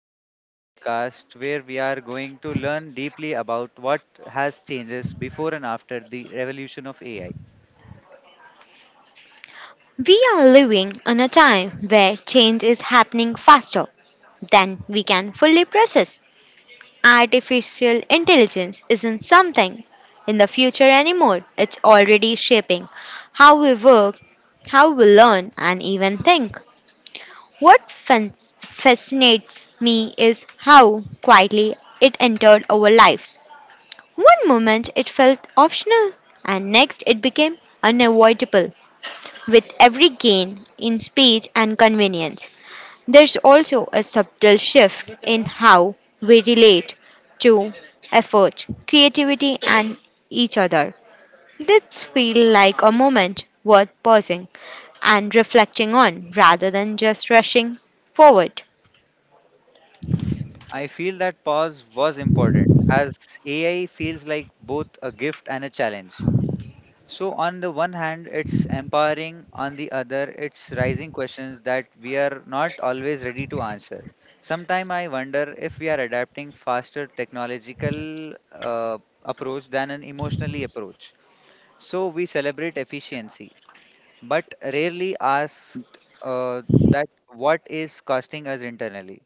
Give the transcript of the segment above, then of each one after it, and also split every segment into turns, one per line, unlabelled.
to join this podcast where we are going to learn deeply about what has changes before and after the revolution of AI.
We are living in a time where change is happening faster than we can fully process. Artificial intelligence isn't something in the future anymore. It's already shaping how we work, how we learn and even think. What fascinates me is how quietly it entered our lives. One moment it felt optional, and next it became unavoidable. With every gain in speed and convenience, there's also a subtle shift in how we relate to effort, creativity, and each other. This feels like a moment worth pausing and reflecting on rather than just rushing forward.
I feel that pause was important as AI feels like both a gift and a challenge. So on the one hand, it's empowering. On the other, it's raising questions that we are not always ready to answer. Sometimes I wonder if we are adapting faster technological approach than an emotionally approach. So we celebrate efficiency, but rarely asked that what is costing us internally.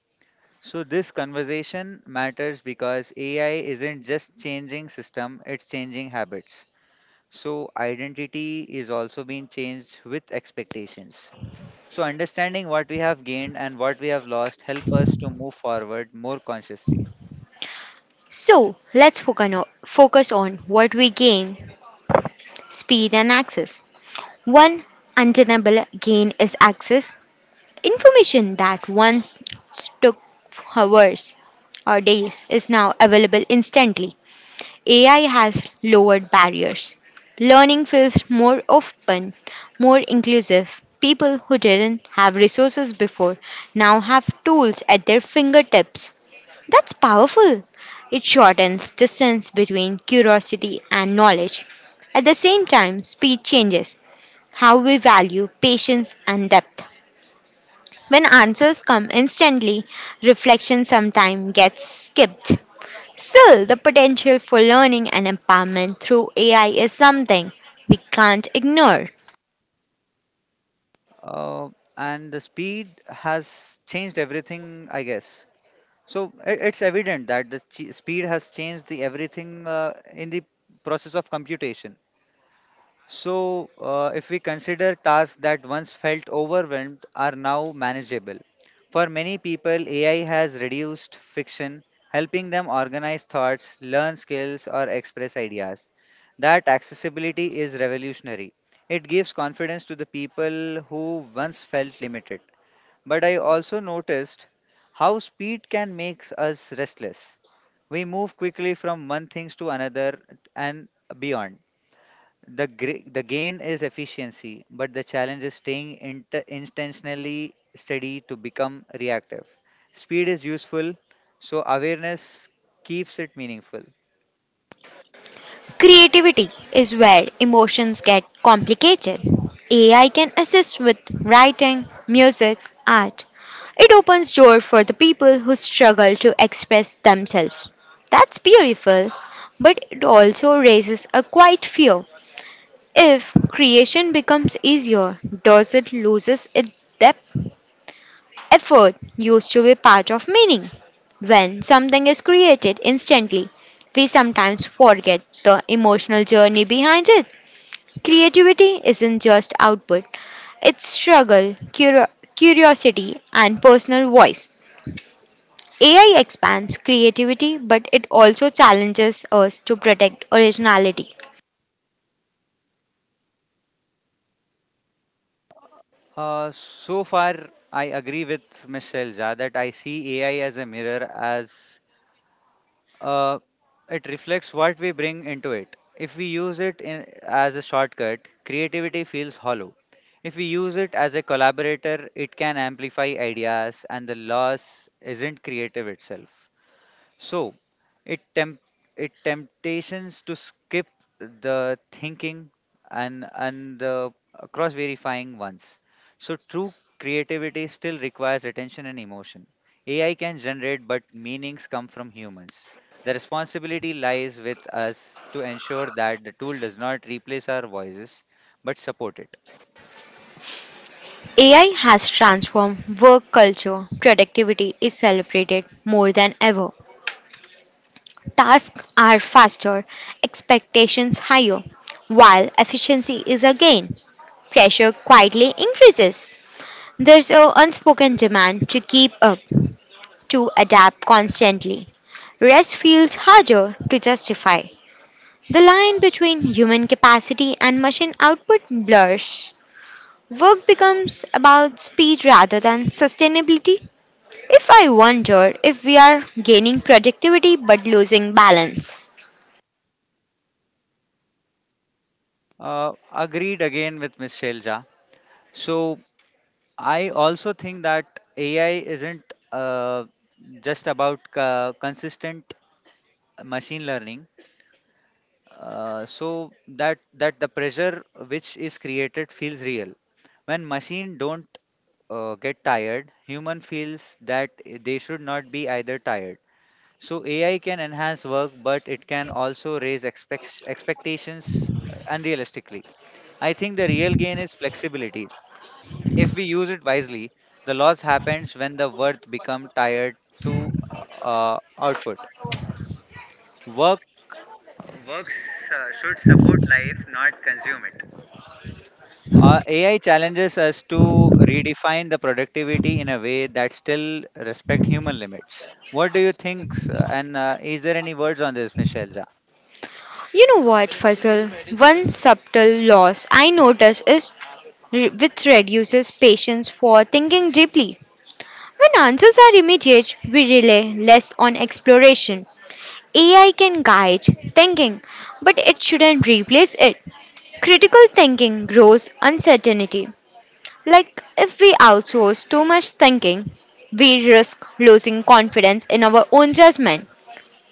So this conversation matters because AI isn't just changing system, it's changing habits. So, identity is also being changed with expectations. So, understanding what we have gained and what we have lost help us to move forward more consciously.
So let's focus on what we gain, speed and access. One undeniable gain is access. Information that once took hours or days is now available instantly. AI has lowered barriers. Learning feels more open, more inclusive. People who didn't have resources before now have tools at their fingertips. That's powerful. It shortens distance between curiosity and knowledge. At the same time, speed changes how we value patience and depth. When answers come instantly, reflection sometimes gets skipped. Still, the potential for learning and empowerment through AI is something we can't ignore.
Uh, and the speed has changed everything, I guess. So, it's evident that the speed has changed the everything in the process of computation. So, if we consider tasks that once felt overwhelmed are now manageable. For many people, AI has reduced friction, helping them organize thoughts, learn skills, or express ideas. That accessibility is revolutionary. It gives confidence to the people who once felt limited. But I also noticed how speed can make us restless. We move quickly from one thing to another and beyond. The gain is efficiency, but the challenge is staying intentionally steady to become reactive. Speed is useful, so awareness keeps it meaningful.
Creativity is where emotions get complicated. AI can assist with writing, music, art. It opens door for the people who struggle to express themselves. That's beautiful, but it also raises a quiet fear. If creation becomes easier, does it loses its depth? Effort used to be part of meaning. When something is created instantly, we sometimes forget the emotional journey behind it. Creativity isn't just output, it's struggle, curiosity, and personal voice. AI expands creativity, but it also challenges us to protect originality.
So far, I agree with Miss Selja that I see AI as a mirror as uh, it reflects what we bring into it. If we use it in, as a shortcut, creativity feels hollow. If we use it as a collaborator, it can amplify ideas, and the loss isn't creative itself. So, it temp it temptations to skip the thinking and the cross verifying ones. So true creativity still requires attention and emotion. AI can generate, but meanings come from humans. The responsibility lies with us to ensure that the tool does not replace our voices, but support it.
AI has transformed work culture. Productivity is celebrated more than ever. Tasks are faster, expectations higher, while efficiency is a gain. Pressure quietly increases. There's an unspoken demand to keep up, to adapt constantly. Rest feels harder to justify. The line between human capacity and machine output blurs. Work becomes about speed rather than sustainability. If I wonder if we are gaining productivity but losing balance.
Agreed again with Miss Shelja. So I also think that AI isn't uh, just about uh, consistent machine learning. So that the pressure which is created feels real. When machine don't get tired, human feels that they should not be either tired. So AI can enhance work, but it can also raise expectations unrealistically. I think the real gain is flexibility. If we use it wisely, the loss happens when the worth become tied to output. Work works should support life, not consume it. AI challenges us to redefine the productivity in a way that still respect human limits. What do you think, sir? And is there any words on this, Michelle Ja?
You know what, Fazal? One subtle loss I notice is which reduces patience for thinking deeply. When answers are immediate, we rely less on exploration. AI can guide thinking, but it shouldn't replace it. Critical thinking grows uncertainty. Like if we outsource too much thinking, we risk losing confidence in our own judgment.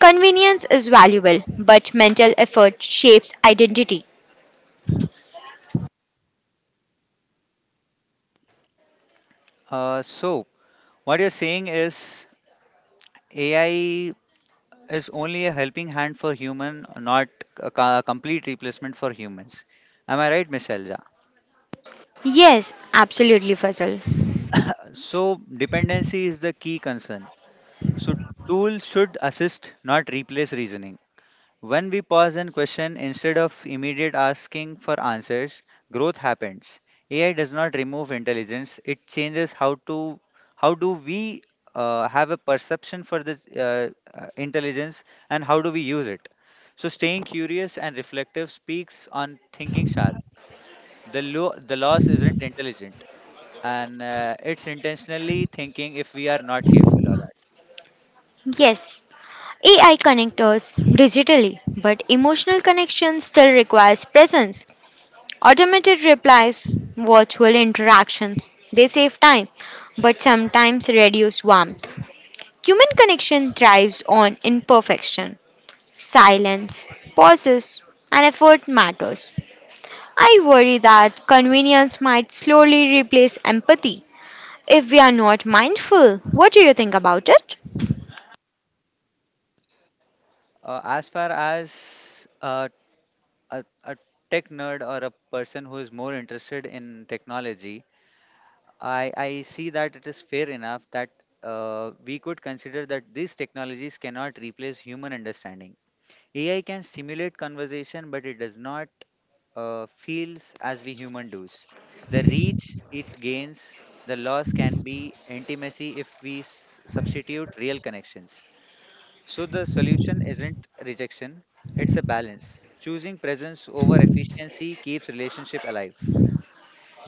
Convenience is valuable, but mental effort shapes identity.
So what you're saying is AI is only a helping hand for human, not a complete replacement for humans. Am I right, Miss Elza?
Yes, absolutely, Fazal.
So, dependency is the key concern. So, tools should assist, not replace reasoning. When we pause and question instead of immediate asking for answers, growth happens. AI does not remove intelligence; it changes how do we have a perception for the intelligence and how do we use it. So, staying curious and reflective speaks on thinking sharp. The loss isn't intelligent, and it's intentionally thinking if we are not careful or not.
Yes, AI connectors digitally, but emotional connection still requires presence. Automated replies, virtual interactions, they save time but sometimes reduce warmth. Human connection thrives on imperfection. Silence, pauses, and effort matters. I worry that convenience might slowly replace empathy if we are not mindful. What do you think about it?
As far as a tech nerd or a person who is more interested in technology, I see that it is fair enough that we could consider that these technologies cannot replace human understanding. AI can stimulate conversation, but it does not feels as we human does. The reach it gains, the loss can be intimacy if we substitute real connections. So the solution isn't rejection, it's a balance. Choosing presence over efficiency keeps relationship alive.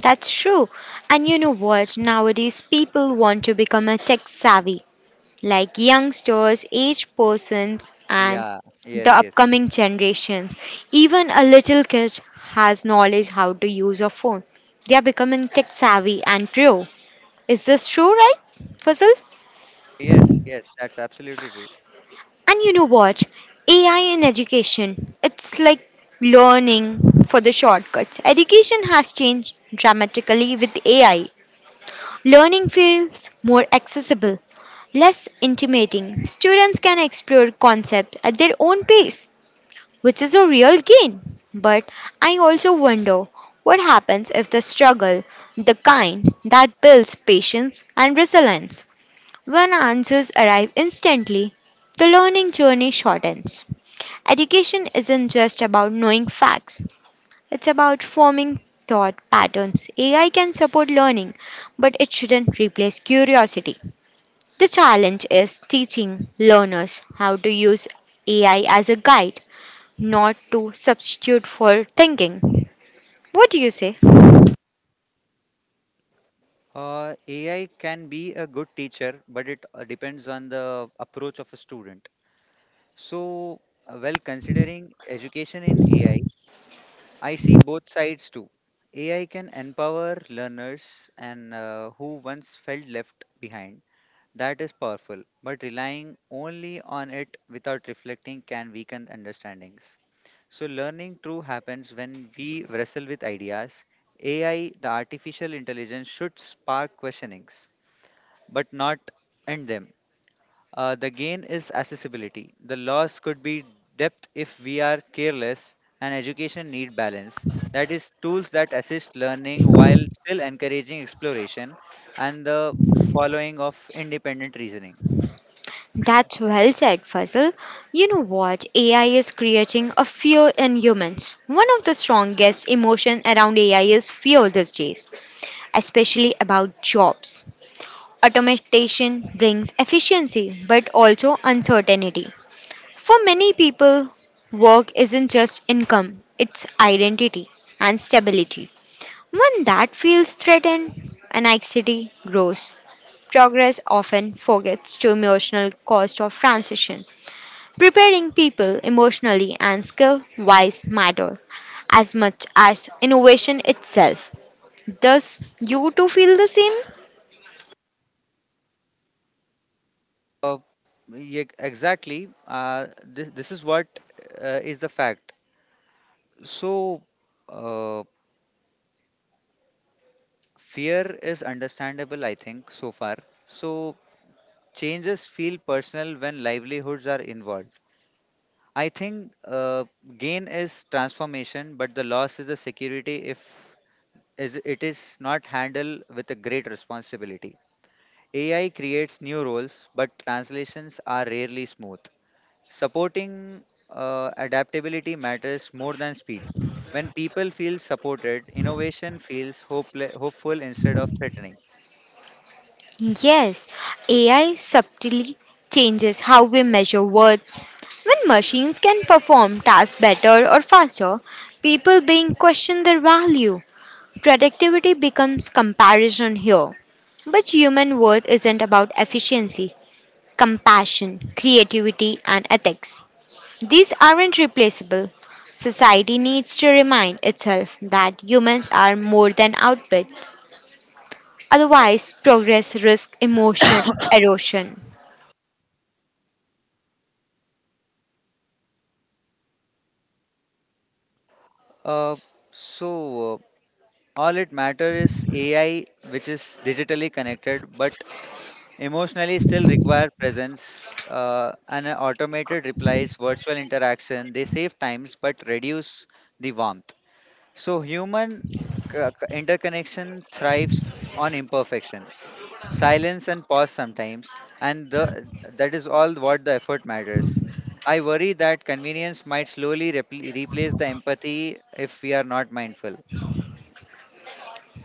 That's true. And you know what? Nowadays, people want to become a tech savvy, like youngsters, aged persons, and
Yeah,
the
yes, yes, yes.
upcoming generations. Even a little kid has knowledge how to use a phone. They are becoming tech savvy and pro. Is this true, right, Fazil?
Yes, yes, that's absolutely true.
And you know what? AI in education, it's like learning for the shortcuts. Education has changed dramatically with AI. Learning feels more accessible, less intimidating. Students can explore concepts at their own pace, which is a real gain. But I also wonder what happens if the struggle, the kind that builds patience and resilience, when answers arrive instantly, the learning journey shortens. Education isn't just about knowing facts, it's about forming thought patterns. AI can support learning, but it shouldn't replace curiosity. The challenge is teaching learners how to use AI as a guide, not to substitute for thinking. What do you say?
AI can be a good teacher, but it depends on the approach of a student. So, while considering education in AI, I see both sides too. AI can empower learners and who once felt left behind. That is powerful, but relying only on it without reflecting can weaken understandings. So, learning true happens when we wrestle with ideas. AI, the artificial intelligence, should spark questionings, but not end them. The gain is accessibility. The loss could be depth if we are careless, and education need balance. That is, tools that assist learning while still encouraging exploration and the following of independent reasoning.
That's well said, Fazil. You know what? AI is creating a fear in humans. One of the strongest emotion around AI is fear these days, especially about jobs. Automation brings efficiency but also uncertainty. For many people, work isn't just income, it's identity and stability. When that feels threatened, anxiety grows. Progress often forgets the emotional cost of transition. Preparing people emotionally and skill wise matter as much as innovation itself. Does you too feel the same?
Uh, yeah, exactly. This is what is the fact. So, uh, fear is understandable, I think, so far. So, changes feel personal when livelihoods are involved. I think gain is transformation, but the loss is a security if is it is not handled with a great responsibility. AI creates new roles, but translations are rarely smooth. Supporting adaptability matters more than speed. When people feel supported, innovation feels hopeful instead of threatening.
Yes, AI subtly changes how we measure worth. When machines can perform tasks better or faster, people being question their value. Productivity becomes comparison here. But human worth isn't about efficiency. Compassion, creativity, and ethics. These aren't replaceable. Society needs to remind itself that humans are more than outputs. Otherwise, progress risks emotion erosion.
Uh, so, uh, all it matters is AI, which is digitally connected but emotionally still require presence. And automated replies, virtual interaction, they save times but reduce the warmth. So human interconnection thrives on imperfections, silence and pause sometimes, and the, that is all what the effort matters. I worry that convenience might slowly replace the empathy if we are not mindful.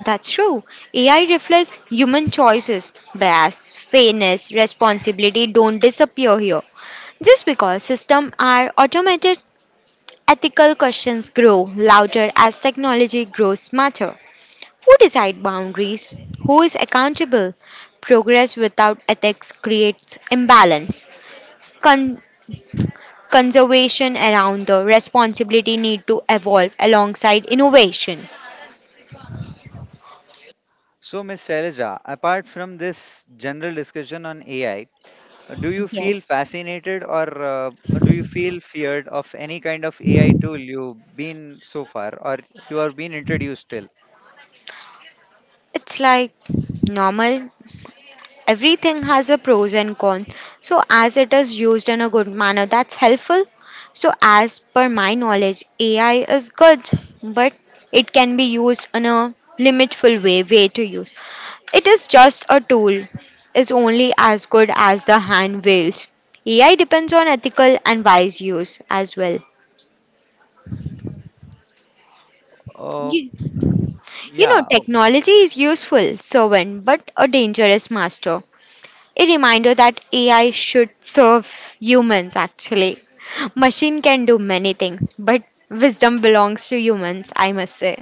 That's true. AI reflects human choices. Bias, fairness, responsibility don't disappear here. Just because systems are automated, ethical questions grow louder as technology grows smarter. Who decide boundaries? Who is accountable? Progress without ethics creates imbalance. Con- Conservation around the responsibility need to evolve alongside innovation.
So, Ms. Shailaja, apart from this general discussion on AI, do you
Yes.
feel fascinated, or do you feel feared of any kind of AI tool you've been so far or you are being introduced till?
It's like normal, everything has a pros and cons, so as it is used in a good manner, that's helpful. So as per my knowledge, AI is good, but it can be used in a limitful way to use. It is just a tool, is only as good as the hand wields. AI depends on ethical and wise use as well. you, you know,
Yeah, oh,
technology is useful servant but a dangerous master, a reminder that AI should serve humans actually. Machine can do many things, but wisdom belongs to humans, I must say.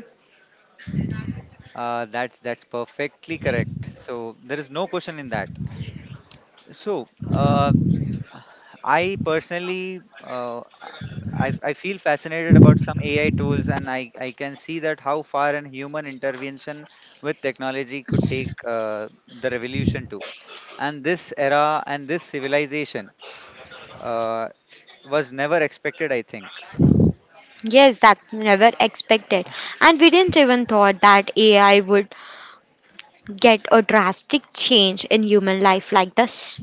that's perfectly correct. So there is no question in that. So, I personally, I feel fascinated about some AI tools, and I can see that how far an human intervention with technology could take the revolution to. And this era and this civilization uh, was never expected, I think.
Yes, that's never expected. And we didn't even thought that AI would get a drastic change in human life like this.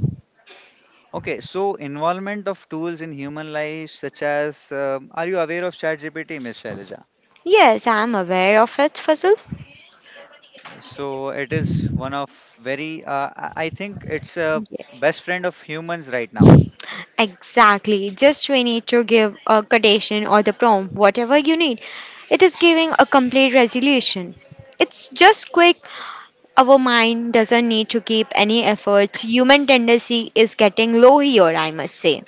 Okay, so involvement of tools in human life, such as, are you aware of ChatGPT, Miss Shailaja?
Yes, I'm aware of it, Fazul.
So it is one of very, uh, I think it's a best friend of humans right now.
Exactly. Just we need to give a quotation or the prompt, whatever you need. It is giving a complete resolution. It's just quick. Our mind doesn't need to keep any efforts. Human tendency is getting low here, I must say.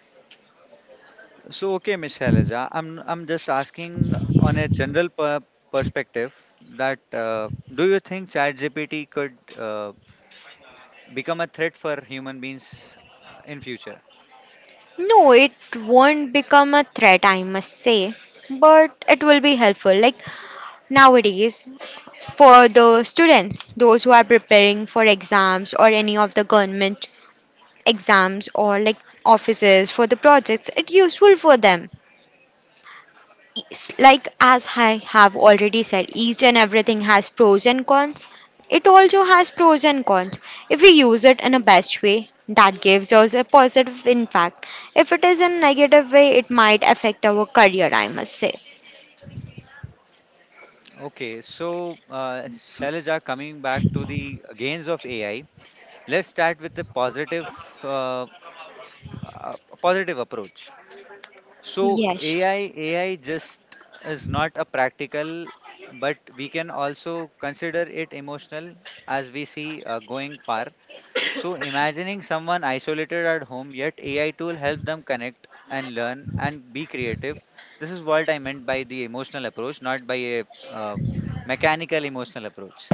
So okay, Miss Shailaja, I'm just asking on a general perspective that do you think ChatGPT could become a threat for human beings in future?
No, it won't become a threat, I must say, but it will be helpful. Like nowadays, for the students, those who are preparing for exams or any of the government exams or like offices for the projects, it's useful for them. It's like, as I have already said, each and everything has pros and cons, it also has pros and cons. If we use it in a best way, that gives us a positive impact. If it is in negative way, it might affect our career, I must say.
Okay, so, Shailaja, coming back to the gains of AI, let's start with the positive uh, positive approach. So
Yes,
AI just is not a practical, but we can also consider it emotional as we see going far. So imagining someone isolated at home, yet AI tool help them connect and learn and be creative. This is what I meant by the emotional approach, not by a uh, mechanical emotional approach.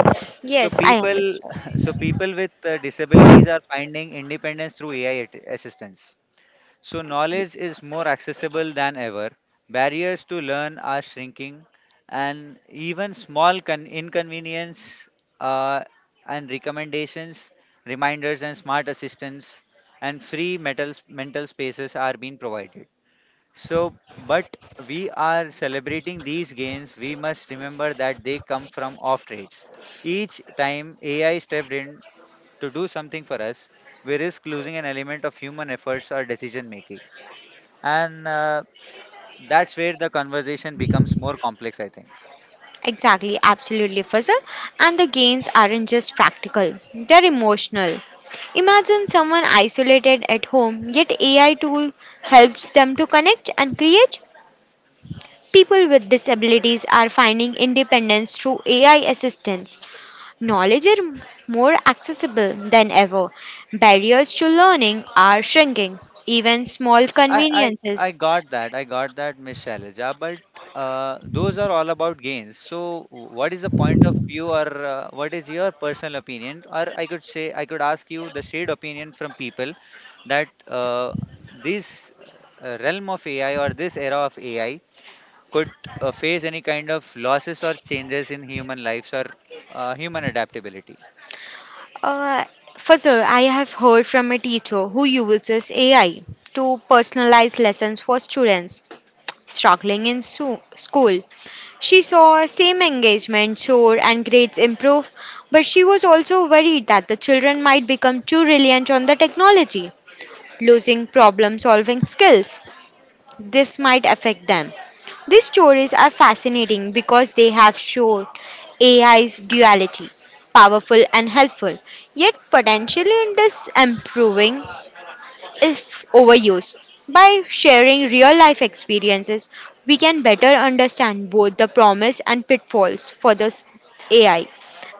So
yes, I
people,
understand.
so people with disabilities are finding independence through AI assistance. So, knowledge is more accessible than ever. Barriers to learn are shrinking, and even small inconvenience uh, and recommendations, reminders, and smart assistants and free metal, mental spaces are being provided. So, but we are celebrating these gains, we must remember that they come from off trades. Each time AI stepped in to do something for us, we risk losing an element of human efforts or decision making, and that's where the conversation becomes more complex, I think.
Exactly, absolutely, Fazal. And the gains aren't just practical, they're emotional. Imagine someone isolated at home, yet AI tool helps them to connect and create. People with disabilities are finding independence through AI assistance. Knowledge is more accessible than ever. Barriers to learning are shrinking. Even small
i i, I
conveniences.
got that i got that Miss Shailaja, but those are all about gains, so what is the point of view, or what is your personal opinion, or I could say I could ask you the shared opinion from people that this realm of AI or this era of AI could face any kind of losses or changes in human lives or human adaptability?
Uh, Fazal, I have heard from a teacher who uses AI to personalize lessons for students struggling in school. She saw same engagement soar and grades improve, but she was also worried that the children might become too reliant on the technology, losing problem solving skills, this might affect them. These stories are fascinating because they have shown AI's duality, powerful and helpful, yet potentially in improving if overused. By sharing real life experiences, we can better understand both the promise and pitfalls for this AI.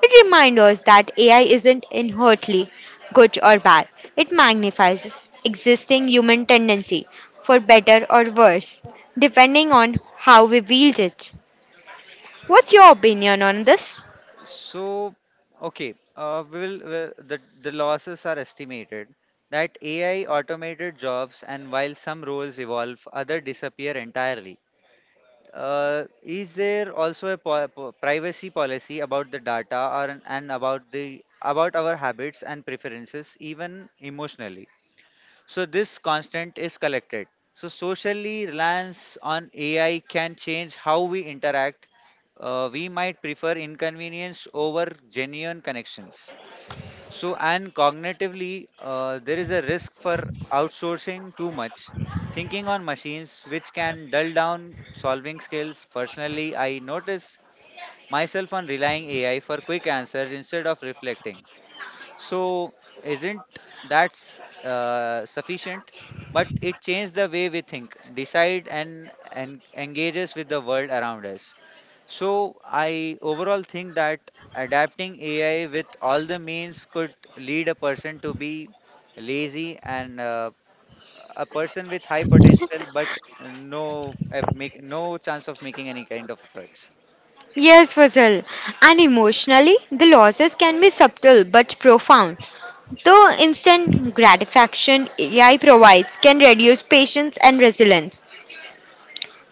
It reminds us that AI isn't inherently good or bad, it magnifies existing human tendency for better or worse, depending on how we wield it. What's your opinion on this?
So, okay, we will uh, the losses are estimated that AI automated jobs, and while some roles evolve, other disappear entirely. Is there also a privacy policy about the data or, and about the about our habits and preferences, even emotionally? So this constant is collected. So socially reliance on AI can change how we interact. We might prefer inconvenience over genuine connections. So and cognitively, there is a risk for outsourcing too much, thinking on machines, which can dull down solving skills. Personally, I notice myself on relying AI for quick answers instead of reflecting. So isn't that sufficient? But it changed the way we think, decide, and engages with the world around us. So I overall think that adapting AI with all the means could lead a person to be lazy, and a person with high potential, but no make no chance of making any kind of efforts.
Yes, Fazal. And emotionally, the losses can be subtle but profound. The instant gratification AI provides can reduce patience and resilience.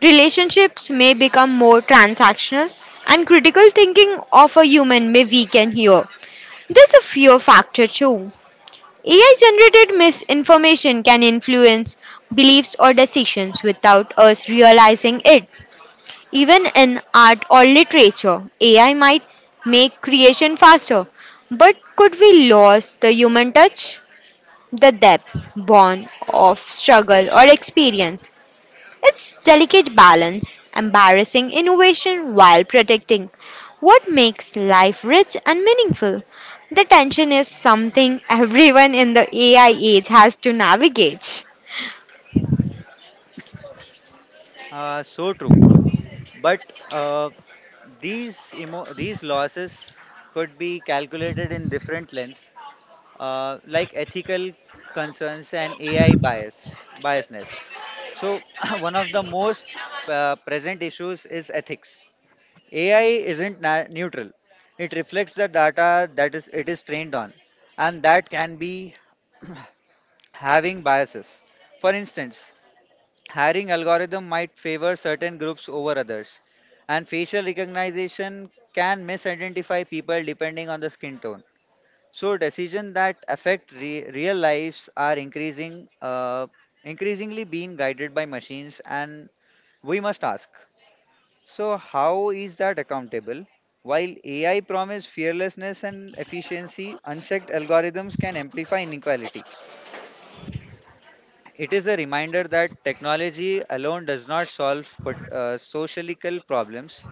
Relationships may become more transactional, and critical thinking of a human may weaken here. There's a fear factor too. AI generated misinformation can influence beliefs or decisions without us realizing it. Even in art or literature, AI might make creation faster, but could we lose the human touch? The depth born of struggle or experience. It's delicate balance, embarrassing innovation while protecting what makes life rich and meaningful. The tension is something everyone in the AI age has to navigate.
So true. But these losses could be calculated in different lens, like ethical concerns and AI biasness. So one of the most present issues is ethics. AI isn't neutral; it reflects the data that is trained on, and that can be having biases. For instance, hiring algorithm might favor certain groups over others, and facial recognition can misidentify people depending on the skin tone. So decisions that affect real lives are increasingly being guided by machines, and we must ask. So how is that accountable? While AI promises fearlessness and efficiency, unchecked algorithms can amplify inequality. It is a reminder that technology alone does not solve sociological problems.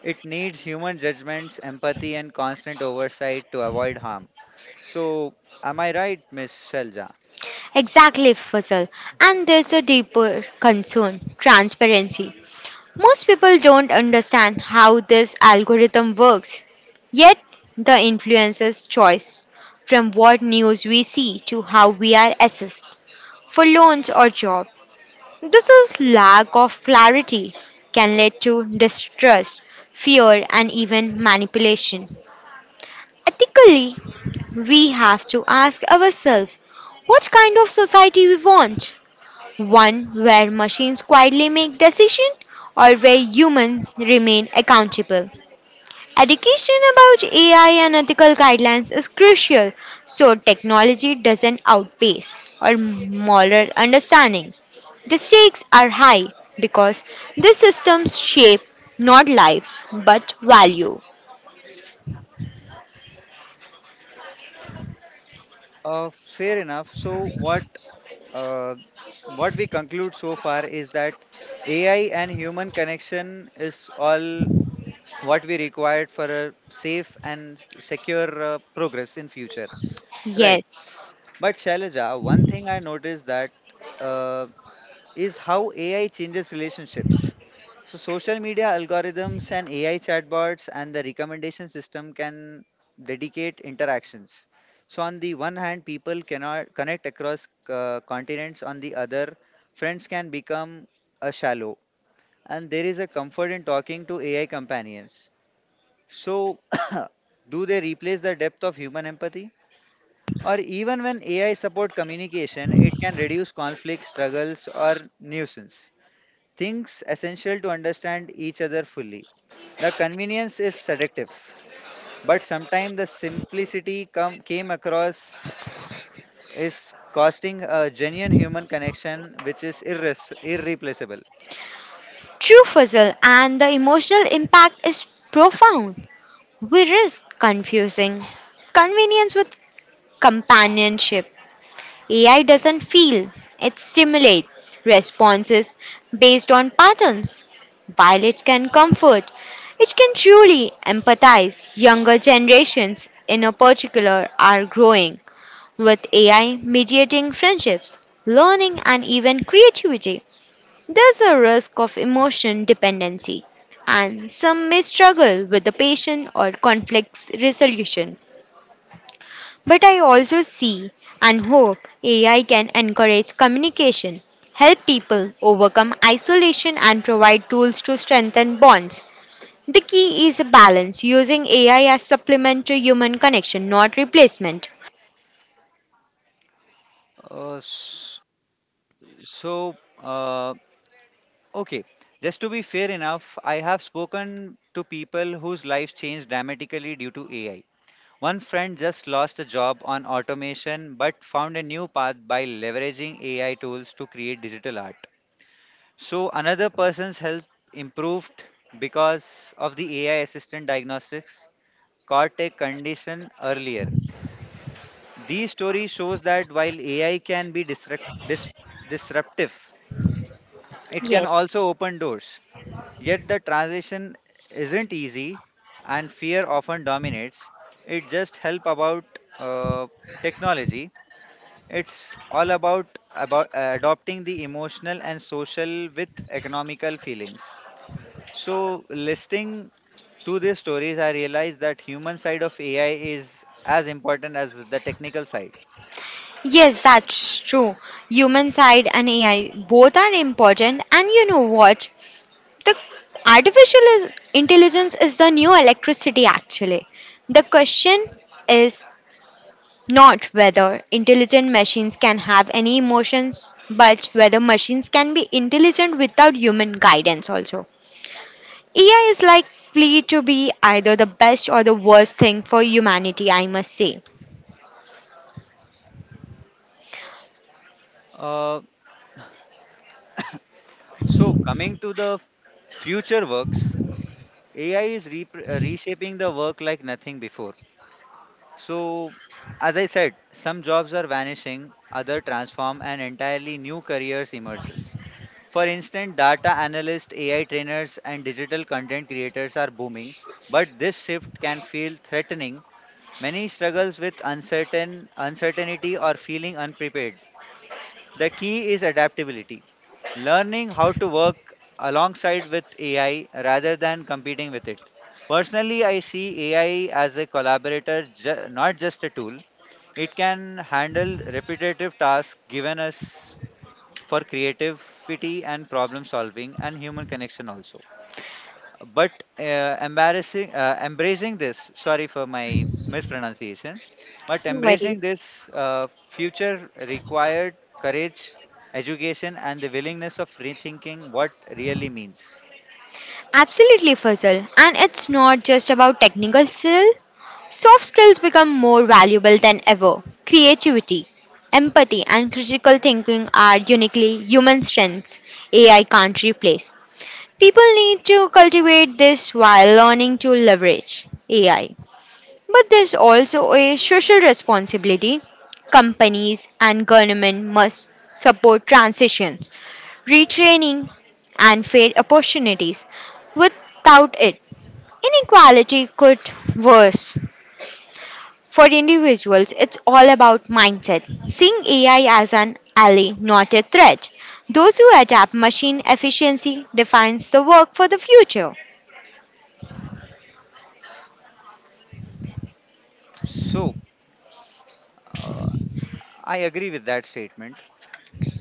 It needs human judgments, empathy, and constant oversight to avoid harm. So, am I right, Miss Shalja?
Exactly, Fussel. And there's a deeper concern, transparency. Most people don't understand how this algorithm works, yet, the influencer's choice from what news we see to how we are assessed for loans or job. This is lack of clarity can lead to distrust, fear, and even manipulation. Ethically, we have to ask ourselves what kind of society we want. One where machines quietly make decisions or where humans remain accountable. Education about AI and ethical guidelines is crucial so technology doesn't outpace our moral understanding. The stakes are high because these systems shape not lives but value.
Fair enough. So, uh, what we conclude so far is that AI and human connection is all what we required for a safe and secure progress in future. Right.
Yes,
But Shailaja, one thing I noticed that uh, is how AI changes relationships. So social media algorithms and AI chatbots and the recommendation system can dedicate interactions. So on the one hand, people cannot connect across continents. On the other, friends can become a shallow. And there is a comfort in talking to AI companions. So do they replace the depth of human empathy? Or even when AI support communication, it can reduce conflict, struggles, or nuisance. Things essential to understand each other fully. The convenience is seductive, but sometimes the came across is costing a genuine human connection which is irreplaceable.
true puzzle and the emotional impact is profound. We risk confusing convenience with companionship. AI doesn't feel, it stimulates responses based on patterns. While it can comfort, it can truly empathize. Younger generations, in a particular, are growing with AI mediating friendships, learning, and even creativity. There's a risk of emotion dependency, and some may struggle with the patient or conflict resolution. But I also see and hope AI can encourage communication, help people overcome isolation, and provide tools to strengthen bonds. The key is a balance, using AI as supplement to human connection, not replacement.
Uh, s- so, uh, okay, just to be fair enough, I have spoken to people whose lives changed dramatically due to AI. One friend just lost a job on automation but found a new path by leveraging AI tools to create digital art. So another person's health improved because of the AI assistant diagnostics caught a condition earlier. These stories shows that while AI can be disruptive, it
Yes.
can also open doors. Yet the transition isn't easy and fear often dominates. It just help about uh, technology. It's all about about adopting the emotional and social with economical feelings. So listening to these stories, I realized that human side of AI is as important as the technical side.
Yes, that's true. Human side and AI both are important, and you know what? The artificial is, intelligence is the new electricity, actually. The question is, not whether intelligent machines can have any emotions, but whether machines can be intelligent without human guidance also. AI is likely to be either the best or the worst thing for humanity, I must say.
Uh, so coming to the future works, AI is reshaping the work like nothing before. So as I said, some jobs are vanishing, other transform, and entirely new careers emerges. For instance, data analysts, AI trainers, and digital content creators are booming, but this shift can feel threatening. Many struggles with uncertainty or feeling unprepared. The key is adaptability. Learning how to work alongside with AI rather than competing with it. Personally, I see AI as a collaborator, not just a tool. It can handle repetitive tasks given us for creativity and problem solving and human connection also. But embracing this, sorry for my mispronunciation, but
No
embracing
worries.
this future required courage, education, and the willingness of rethinking what really means.
Absolutely, Fuzzle. And it's not just about technical skill. Soft skills become more valuable than ever. Creativity, empathy, and critical thinking are uniquely human strengths AI can't replace. People need to cultivate this while learning to leverage AI. But there's also a social responsibility. Companies and government must support transitions, retraining, and fair opportunities. Without it, inequality could worse. For individuals, it's all about mindset, seeing AI as an ally, not a threat. Those who adapt machine efficiency defines the work for the future.
So I agree with that statement.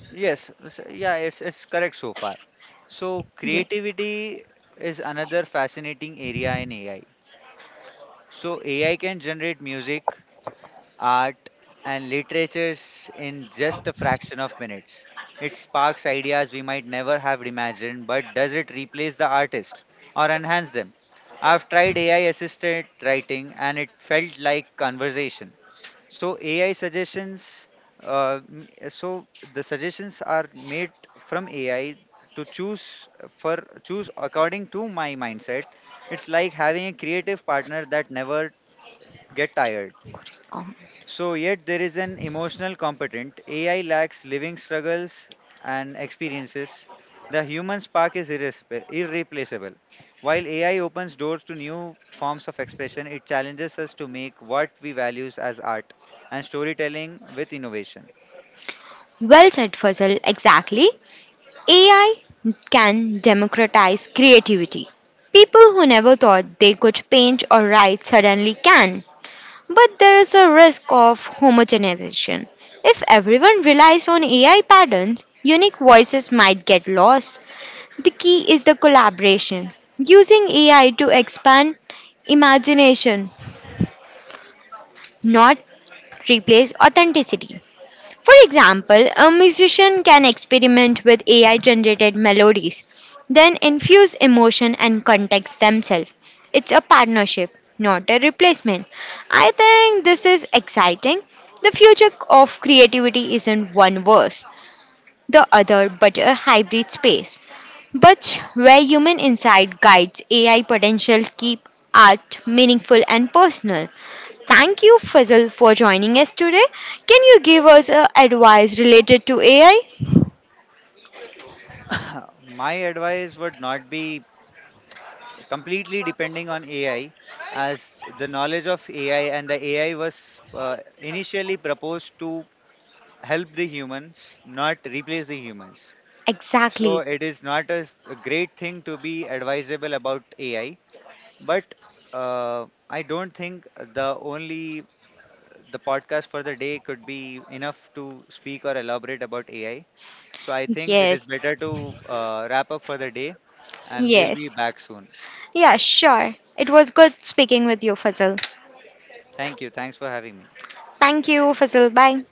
Yes, yeah, it's correct so far. So
Yes.
creativity is another fascinating area in AI. So AI can generate music, art, and literatures in just a fraction of minutes. It sparks ideas we might never have imagined, but does it replace the artist or enhance them? I've tried AI assisted writing and it felt like conversation. So AI suggestions, uh, m- so the suggestions are made from AI to for choose according to my mindset. It's like having a creative partner that never get tired.
Com.
So, yet there is an emotional competent. AI lacks living struggles and experiences. The human spark is irreplaceable. While AI opens doors to new forms of expression, it challenges us to make what we value as art and storytelling with innovation.
Well said, Fazal. Exactly. AI can democratize creativity. People who never thought they could paint or write suddenly can. But there is a risk of homogenization. If everyone relies on AI patterns, unique voices might get lost. The key is the collaboration. Using AI to expand imagination, not replace authenticity. For example, a musician can experiment with AI generated melodies, then infuse emotion and context themselves. It's a partnership, not a replacement. I think this is exciting. The future of creativity isn't one verse, the other, but a hybrid space. But where human insight guides AI potential, keep art meaningful and personal. Thank you, Fazal, for joining us today. Can you give us advice related to AI?
My advice would not be completely depending on AI, as the knowledge of AI and the AI was initially proposed to help the humans, not replace the humans. So
Exactly.
it is not a great thing to be advisable about AI, but I don't think the podcast for the day could be enough to speak or elaborate about AI. So I think it is
Yes.
better to wrap up for the day, and we'll be
Yes.
back soon.
Yeah, sure. It was good speaking with you, Fazal.
Thank you. Thanks for having me.
Thank you, Fazal. Bye.